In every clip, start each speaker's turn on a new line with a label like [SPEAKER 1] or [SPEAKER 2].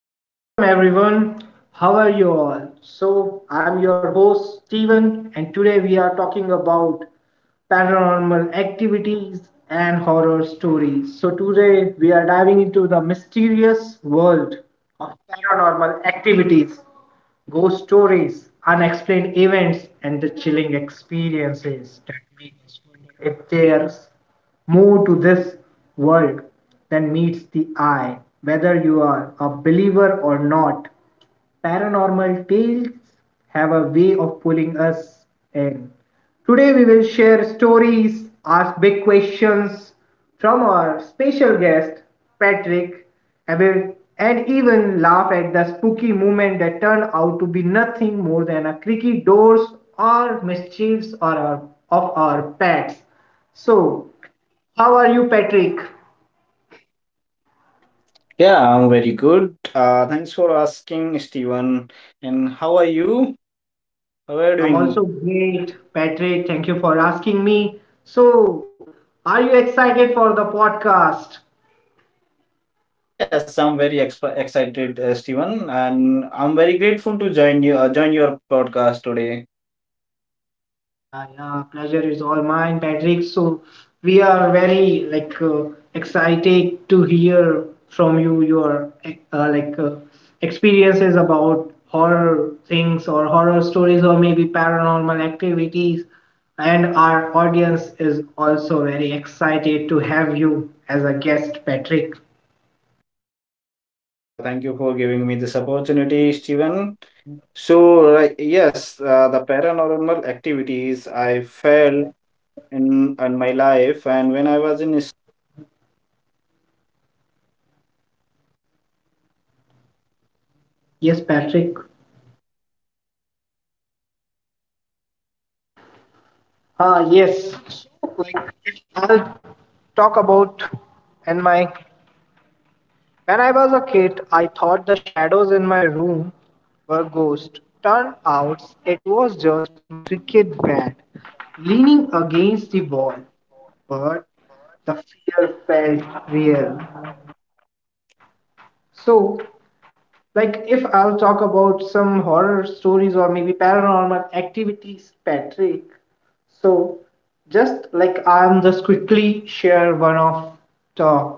[SPEAKER 1] hello, and welcome everyone. How are you all? So, I'm your host Steven, and today we are talking about paranormal activities and horror stories. So, today we are diving into the mysterious world of paranormal activities, ghost stories, unexplained events, and the chilling experiences that make us it dares more to this world than meets the eye, whether you are a believer or not. Paranormal tales have a way of pulling us in. Today, we will share stories, ask big questions from our special guest, Patrick, aware, and even laugh at the spooky moments that turn out to be nothing more than a creaky doors or mischiefs or our, of our pets. So, how are you, Patrick?
[SPEAKER 2] Yeah, I'm very good. Thanks for asking, Steven. And how are you? How are you
[SPEAKER 1] I'm also
[SPEAKER 2] doing?
[SPEAKER 1] great, Patrick. Thank you for asking me. So, are you excited for the podcast?
[SPEAKER 2] Yes, I'm very excited, Steven, and I'm very grateful to join you. Join your podcast today.
[SPEAKER 1] Yeah, yeah, pleasure is all mine, Patrick. So we are very like excited to hear from you your like experiences about horror things or horror stories or maybe paranormal activities. And our audience is also very excited to have you as a guest, Patrick.
[SPEAKER 2] Yeah, thank you for giving me this opportunity, Steven. So, like, yes, the paranormal activities I felt in my life, and when I was in.
[SPEAKER 1] Yes, Patrick. Ah, yes. So, like, I'll talk about and my. When I was a kid, I thought the shadows in my room were ghosts. Turned out it was just my cricket bat leaning against the wall. But the fear felt real. So, like if I'll talk about some horror stories or maybe paranormal activities, Patrick. So, just like I'm just quickly share one of the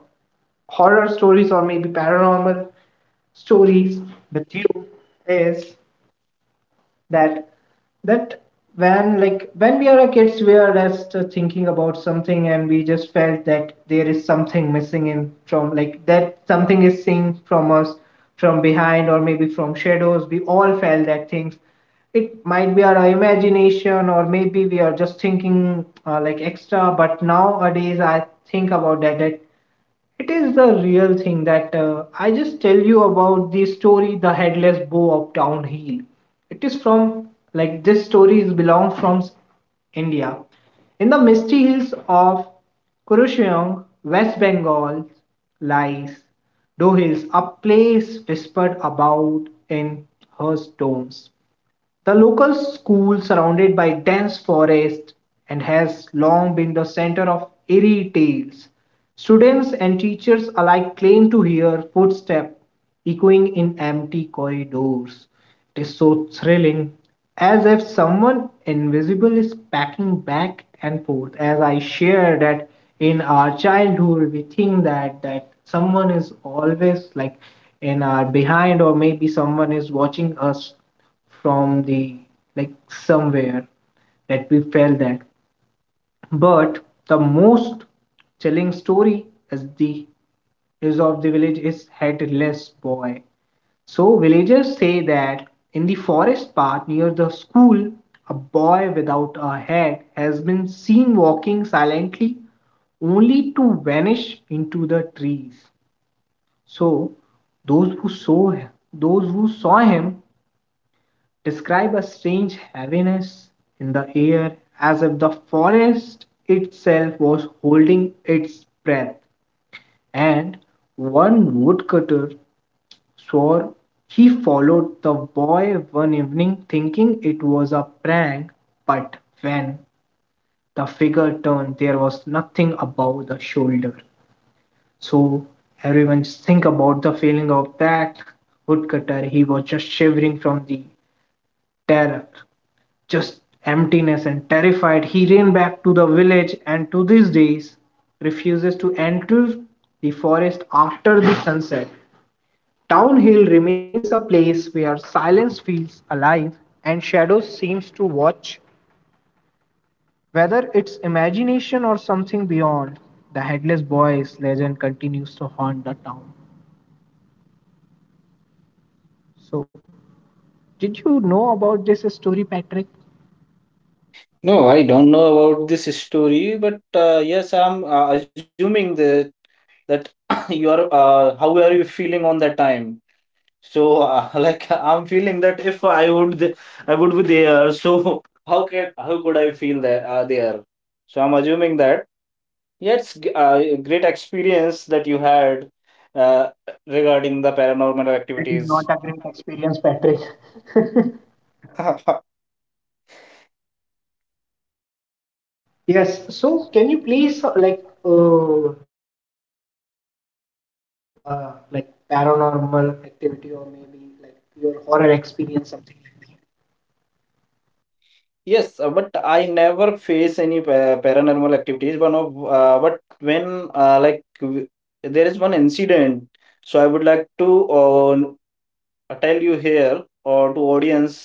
[SPEAKER 1] horror stories or maybe paranormal stories with you is that that when like when we are a kids we are just thinking about something, and we just felt that there is something missing in from like that something is seen from us from behind, or maybe from shadows we all felt that things it might be our imagination, or maybe we are just thinking like extra, but nowadays I think about that it is the real thing that I just tell you about the story, the headless bow of downhill. It is from like this story is belong from India. In the misty hills of Kurusheong, West Bengal lies Dohills, a place whispered about in her tones. The local school surrounded by dense forest and has long been the center of eerie tales. Students and teachers alike claim to hear footsteps echoing in empty corridors. It is so thrilling, as if someone invisible is packing back and forth. As I share that in our childhood, we think that that someone is always like in our behind, or maybe someone is watching us from the like somewhere that we felt that. But the most telling story is the is of the village is headless boy. So villagers say that in the forest path near the school, a boy without a head has been seen walking silently, only to vanish into the trees. So those who saw those who saw him describe a strange heaviness in the air, as if the forest itself was holding its breath, and one woodcutter swore he followed the boy one evening thinking it was a prank, but when the figure turned, there was nothing above the shoulder. So, everyone just think about the feeling of that woodcutter, he was just shivering from the terror. Just emptiness and terrified, he ran back to the village, and to these days refuses to enter the forest after the sunset. Downhill remains a place where silence feels alive and shadows seems to watch. Whether it's imagination or something beyond, the headless boy's legend continues to haunt the town. So, did you know about this story, Patrick?
[SPEAKER 2] No, I don't know about this story, but yes, I'm assuming the. That you are, how are you feeling on that time? So like I'm feeling that if I would I would be there. So how could I feel that there? So I'm assuming that, yeah, it's a great experience that you had, uh, regarding the paranormal
[SPEAKER 1] That is
[SPEAKER 2] activities.
[SPEAKER 1] not a great experience, Patrick. Yes. So, can you please like share one of your story, like paranormal activity, or maybe like your horror experience, something like that?
[SPEAKER 2] Yes, but I never face any paranormal activities. One of But when, uh, like w- there is one incident. So I would like to, uh, I tell you here or to audience,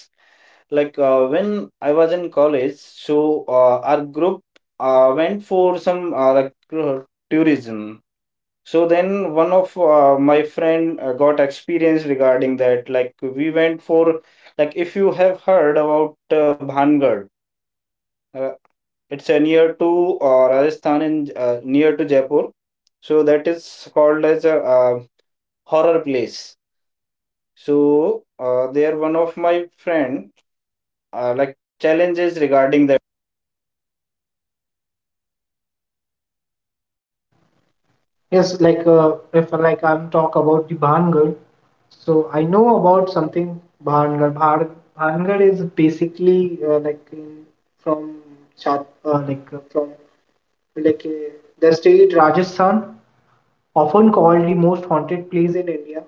[SPEAKER 2] like when I was in college. So our group went for some, tourism. So then one of my friend got experience regarding that. Like, we went for, like, if you have heard about Bhangar, uh, it's near to Rajasthan and near to Jaipur. So that is called as a horror place. So there one of my friend like challenges regarding that.
[SPEAKER 1] Yes. Like if like I'm talk about the Bhangar, so I know about something Bhangar. Bhangar is basically like in, from Chat, like from like the state Rajasthan, often called the most haunted place in India,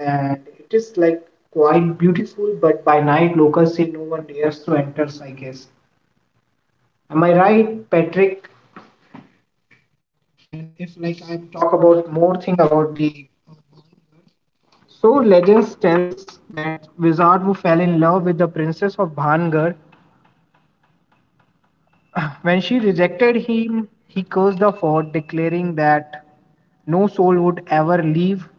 [SPEAKER 1] and it is like quite beautiful, but by night locals say no one dares to enter. I guess. Am I right, Patrick? And if like I talk about more thing about the, so legends tells that wizard who fell in love with the princess of Bhangar, when she rejected him, he cursed the fort, declaring that no soul would ever leave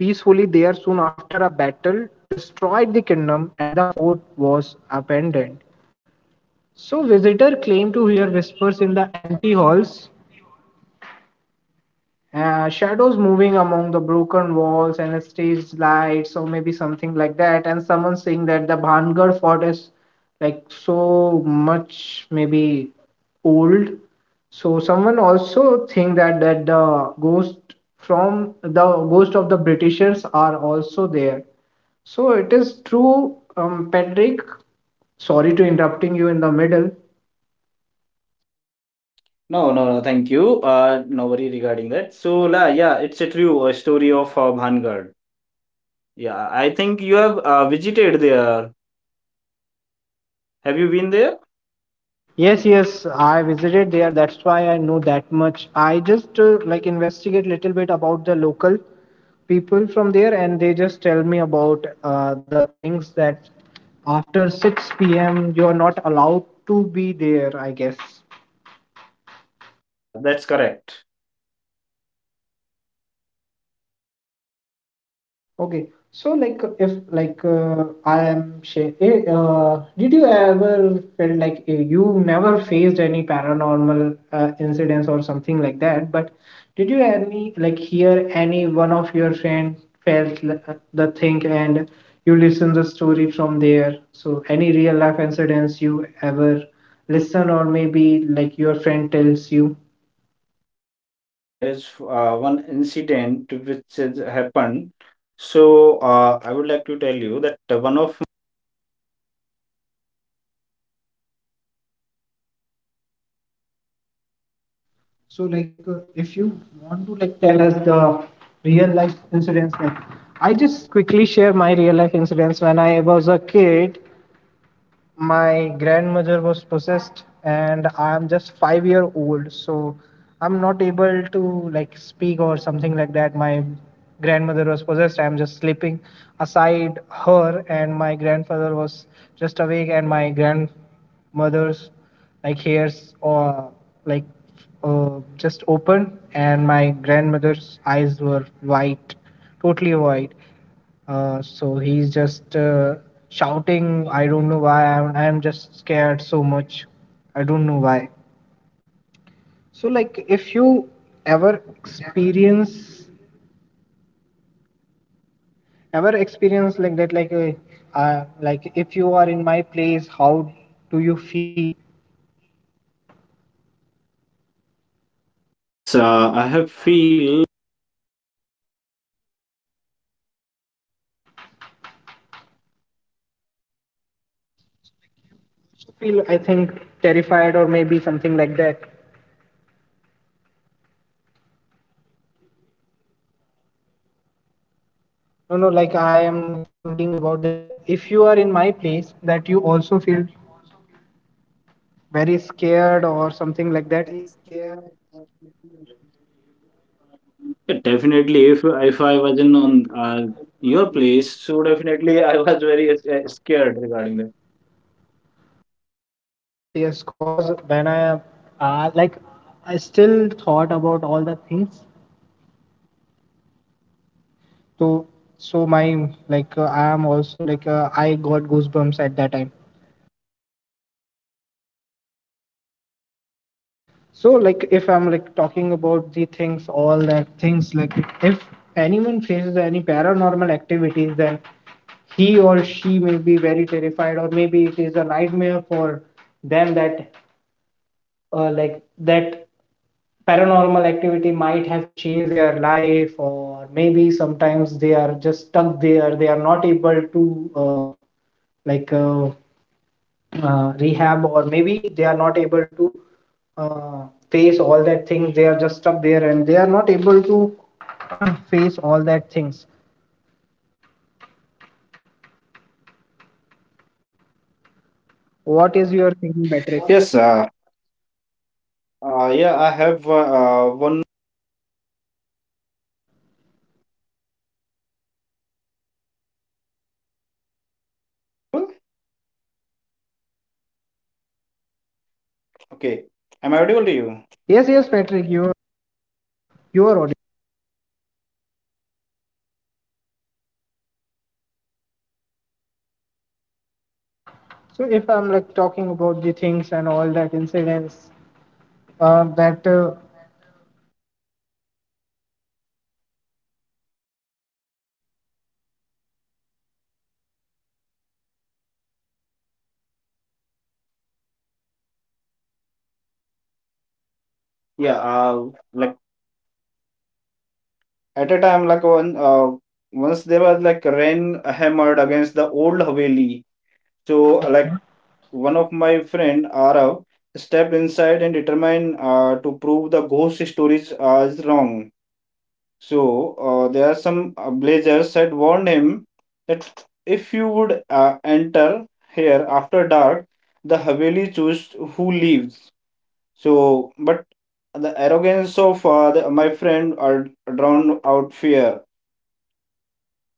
[SPEAKER 1] peacefully there. Soon after, a battle destroyed the kingdom and the fort was abandoned. So visitor claimed to hear whispers in the empty halls, shadows moving among the broken walls and stage lights or maybe something like that, and someone saying that the Bhangar fort is like so much maybe old. So someone also think that that the ghost from the ghost of the Britishers are also there. So it is true, Patrick. Sorry to interrupting you in the middle.
[SPEAKER 2] No, no, no, thank you. No worry regarding that. So, la, yeah, it's a true story of Bhangarh. Yeah, I think you have visited there. Have you been there?
[SPEAKER 1] Yes, yes, I visited there. That's why I know that much. I just like investigate little bit about the local people from there, and they just tell me about the things that after 6 p.m. you are not allowed to be there. I guess.
[SPEAKER 2] Yeah, that's correct.
[SPEAKER 1] Okay, so like if like I am did you ever felt like you never faced any paranormal incidents or something like that? But did you any like hear any one of your friend felt the thing, and you listen the story from there? So any real life incidents you ever listen, or maybe like your friend tells you?
[SPEAKER 2] Yeah, there is one incident which has happened. So, I would like to tell you that one of my.
[SPEAKER 1] So, like, if you want to like tell us the real life incidents, like, I just quickly share my real life incidents. When I was a kid, my grandmother was possessed, and I'm just 5-year old, so I'm not able to like speak or something like that. My grandmother was possessed. I'm just sleeping aside her, and my grandfather was just awake, and my grand mother's like hairs or like just open, and my grandmother's eyes were white, totally white, so he's just shouting. I don't know why. I'm just scared so much, I don't know why. So like if you ever experience ever experience like that, like a, like if you are in my place, how do you feel?
[SPEAKER 2] Yes, I have feel.
[SPEAKER 1] Feel, I think terrified or maybe something like that. No, no, like I am thinking about that if you are in my place, that you also feel very scared or something like that.
[SPEAKER 2] Very scared. Yeah, definitely. If I was in on your place, so definitely I was very scared regarding that.
[SPEAKER 1] Yes, cause when I like I still thought about all the things. So, so my like I am also like I got goosebumps at that time. So, like, if I'm like talking about the things, all that things, like, if anyone faces any paranormal activities, then he or she may be very terrified, or maybe it is a nightmare for them that, like, that paranormal activity might have changed their life, or maybe sometimes they are just stuck there, they are not able to, like, rehab, or maybe they are not able to face all that things. They are just stuck there and they are not able to face all that things. What is your thinking, Patrick?
[SPEAKER 2] Yes, yeah, I have one. Okay, am I audible to you?
[SPEAKER 1] Yes, yes, Patrick, you are on. So if I'm like talking about the things and all that incidents, that
[SPEAKER 2] Yeah, like at a time, like once there was like rain hammered against the old Haveli. So, like, one of my friend Arav stepped inside and determined to prove the ghost stories is wrong. So there are some blazers had warned him that if you would enter here after dark, the Haveli choose who leaves. So, but the arrogance of my friend drowned out fear.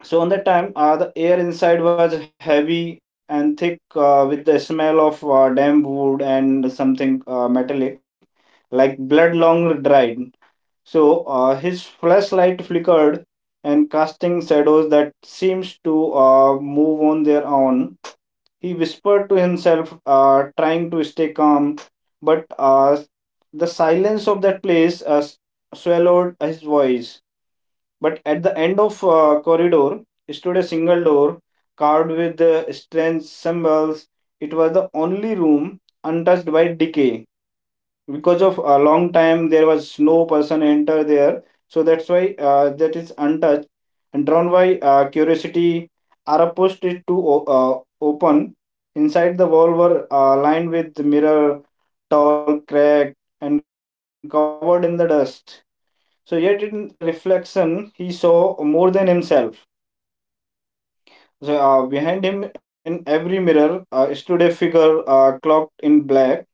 [SPEAKER 2] So on that time, the air inside was heavy and thick with the smell of damp wood and something metallic, like blood long dried. So his flashlight flickered and casting shadows that seems to move on their own. He whispered to himself, trying to stay calm, but the silence of that place swallowed his voice. But at the end of corridor stood a single door carved with strange symbols. It was the only room untouched by decay, because of a long time there was no person enter there. So that's why that is untouched. And drawn by curiosity, are opposed it to open. Inside the wall were lined with mirror, tall, cracked, and covered in the dust. So yet in their reflection he saw more than himself. So behind him in every mirror stood a figure cloaked in black.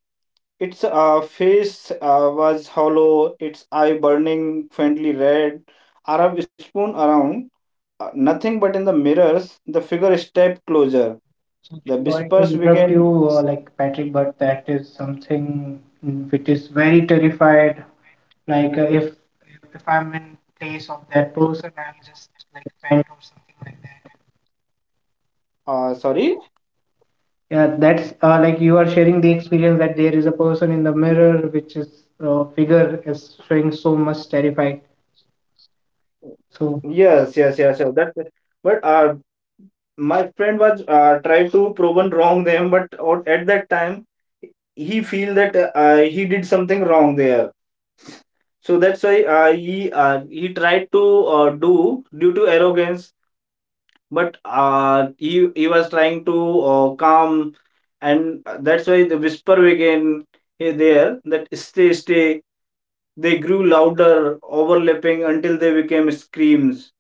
[SPEAKER 2] Its face was hollow, its eye burning faintly red. Arab spun around, nothing but in the mirrors. The figure stepped closer. The whispers began. Sorry. Yes, yes, yes, yes. That. But my friend was tried to proven wrong them, but at that time he feel that he did something wrong there. So that's why he tried to do due to arrogance. But he was trying to, calm, and that's why the whisper began here there that stay. They grew louder, overlapping until they became screams.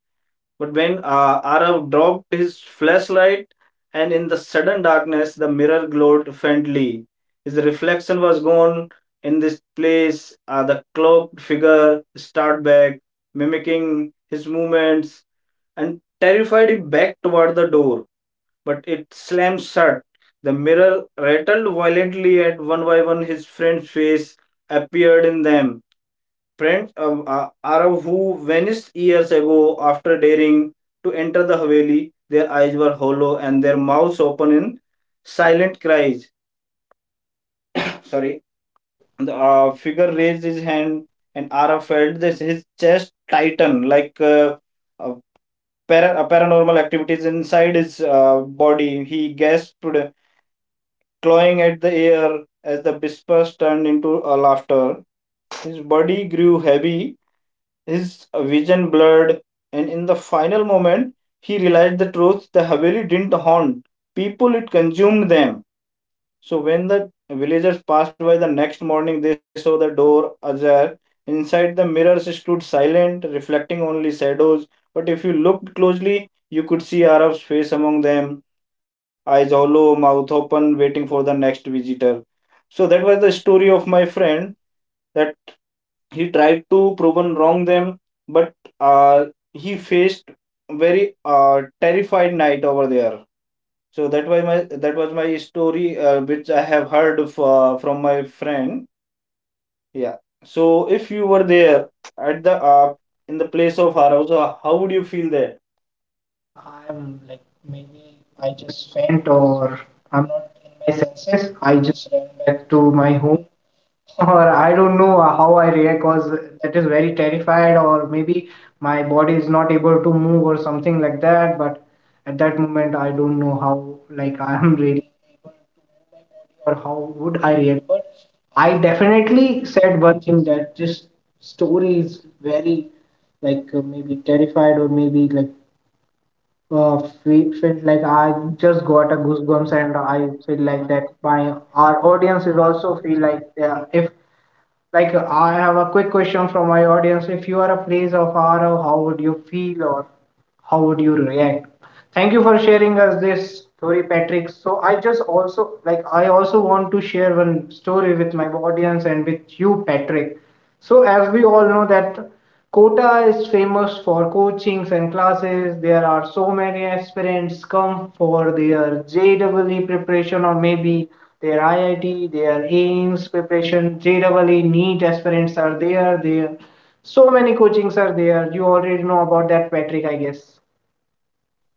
[SPEAKER 2] But when Arav dropped his flashlight, and in the sudden darkness, the mirror glowed faintly. His reflection was gone in this place. The cloaked figure started back, mimicking his movements, and terrified he backed toward the door, but it slammed shut. The mirror rattled violently at one by one. His friend's face appeared in them. Friends of Arav, who vanished years ago after daring to enter the Haveli, their eyes were hollow and their mouths open in silent cries. Sorry, the figure raised his hand, and Arav felt this his chest tighten like. Uh, Paranormal activities inside his body. He gasped, clawing at the air as the whispers turned into a laughter. His body grew heavy, his vision blurred, and in the final moment, he realized the truth: the Haveli didn't haunt people, it consumed them. So when the villagers passed by the next morning, they saw the door ajar. Inside, the mirrors stood silent, reflecting only shadows. But if you looked closely, you could see Arab's face among them, eyes hollow, mouth open, waiting for the next visitor. So that was the story of my friend, that he tried to proven wrong them, but uh, he faced very terrified night over there. So that was my, that was my story, which I have heard from my friend. Yeah. So if you were there at the in the place of Harausa, how would you feel there?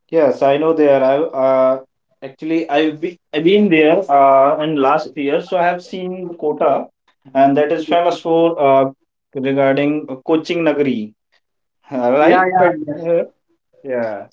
[SPEAKER 2] Yes, I know there. I, uh, actually I've been there in last year, so I have seen Kota, and that is famous for regarding coaching Nagari, right? But uh, yeah.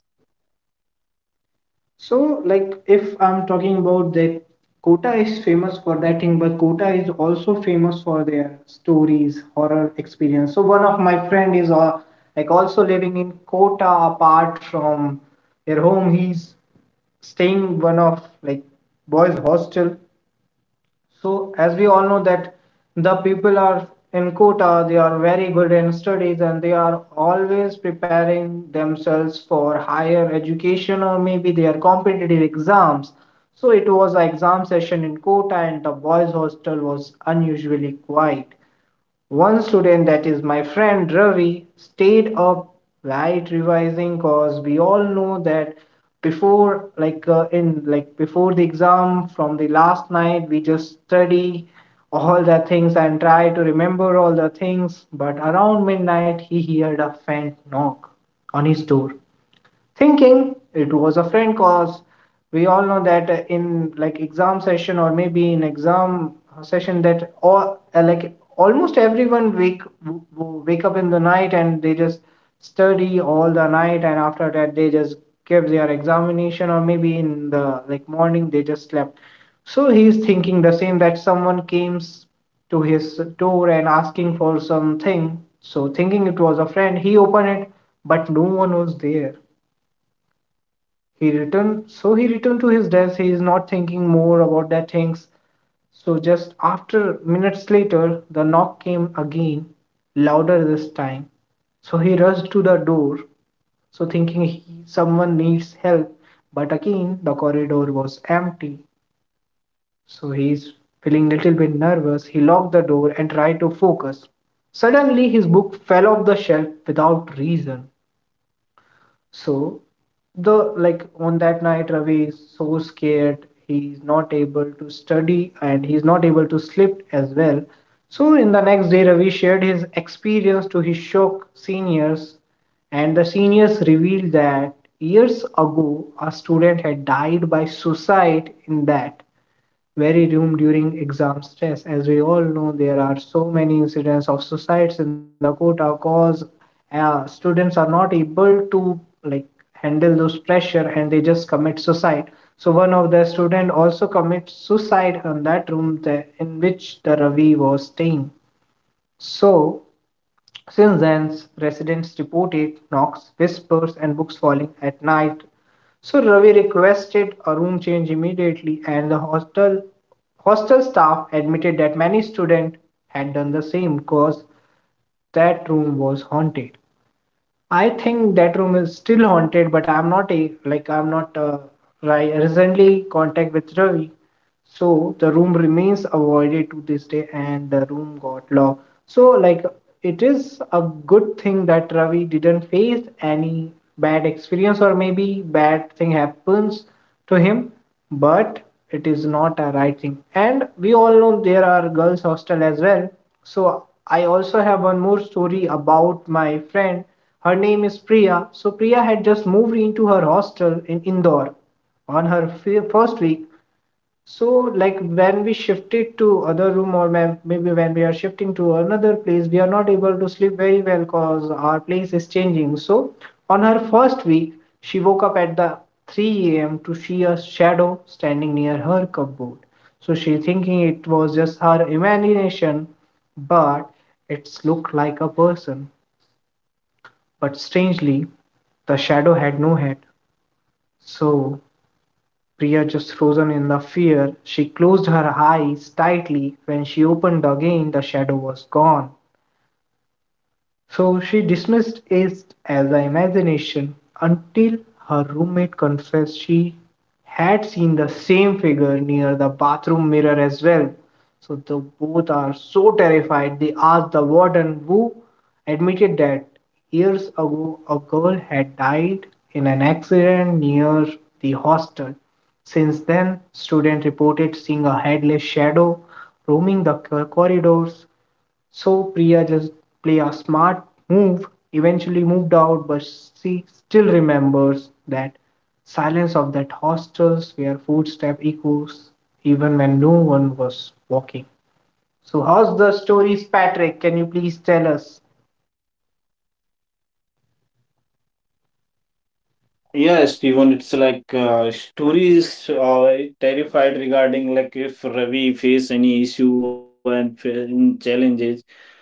[SPEAKER 2] Yes, Steven. It's like stories are terrified regarding, like, if Ravi face any issue and challenges.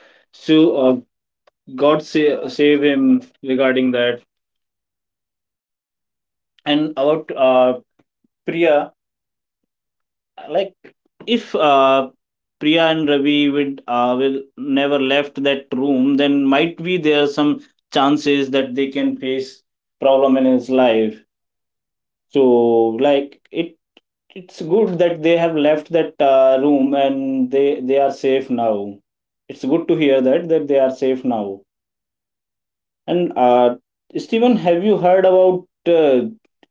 [SPEAKER 2] So God save, save him regarding that. And about Priya, like, if Priya and Ravi would will never left that room, then might be there some chances that they can face problem in his life. So like, it's good that they have left that room and they are safe now. It's good to hear that that they are safe now. And Stephen, have you heard about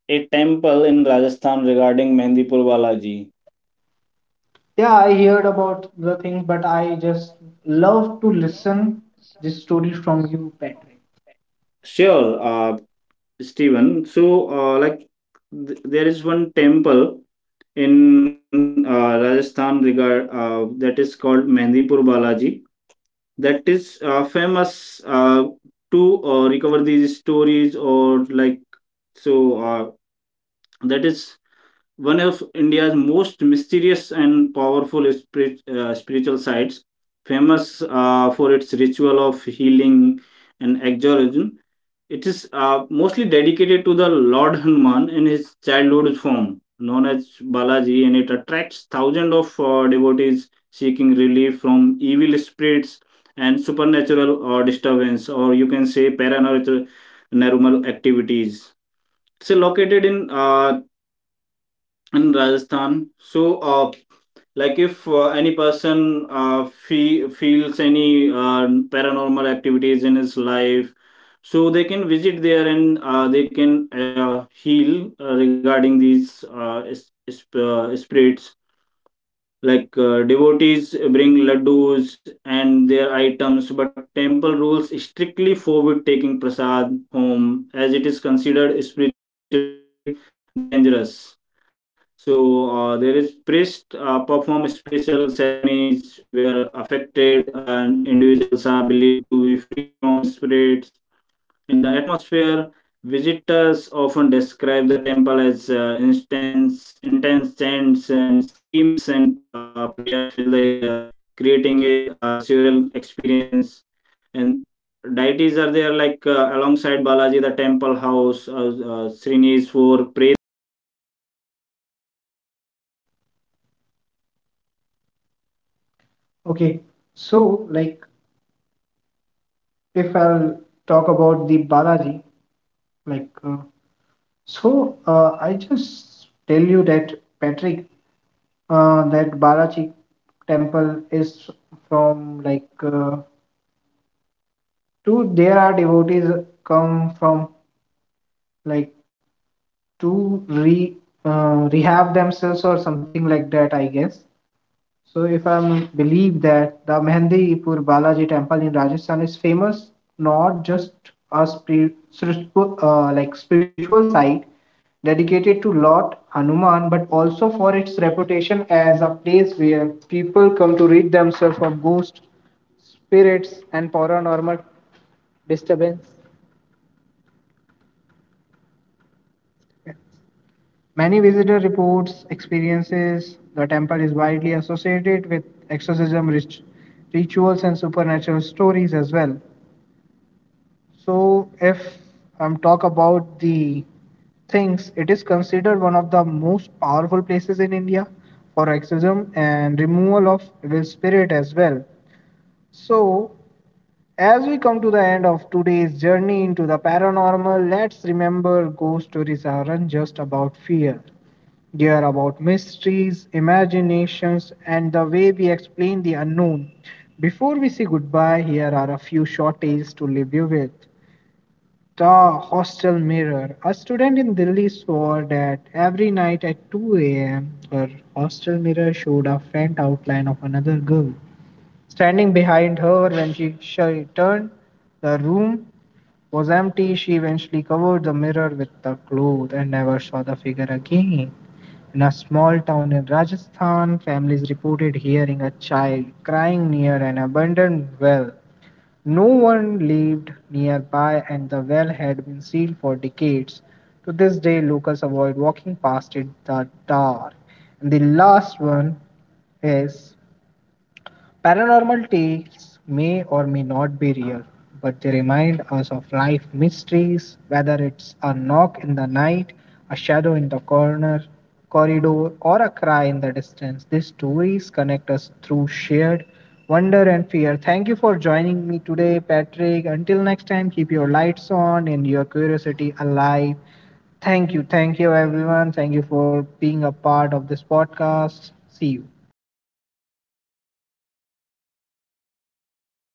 [SPEAKER 2] a temple in Rajasthan regarding Mehndipur Balaji? Sure. Steven. So, like, there is one temple in Rajasthan regard that is called Mehndipur Balaji. That is famous to recover these stories or like so. That is one of India's most mysterious and powerful spiritual sites, famous for its ritual of healing and exorcism. It is mostly dedicated to the Lord Hanuman in his childhood form, known as Balaji, and it attracts thousands of devotees seeking relief from evil spirits and supernatural disturbance, or you can say paranormal normal activities. It's located in Rajasthan. So, like, if any person feels any paranormal activities in his life, so they can visit there, and they can heal regarding these spirits. Like, devotees bring laddus and their items, but temple rules strictly forbid taking prasad home as it is considered spiritually dangerous. So there is priest perform special ceremonies where affected individuals are believed to be freed from spirits, and the atmosphere. Visitors often describe the temple as intense chants and screams and prayers fill the air, creating a surreal experience. And deities are there, like, alongside Balaji the temple house Srinivasur Pretraj, that is called also king of spirits, and Bhairavji, both associated in with controlling supernatural forces, or you can say the spirits. Also there is one there are some rules, like, photographies are not allowed inside the temple. You cannot take home prasad, because it must be consumed within the temple premises only. It can be like, it is considered the spiritually dangerous, so that's why you cannot take the prasad home. And the devotees are advised not to mock or disturb rituals as they are considered scared and powerful. Healing belief with the, like, peoples are believe that they relief claims that they relieve from mental, emotional or spiritual disturbance if they have visit this temple. Thank you, Steven.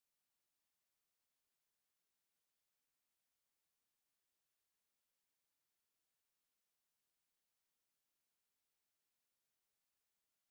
[SPEAKER 2] It was great experience with you, and I have heard some experience of you, so it was good great experience. Thank you.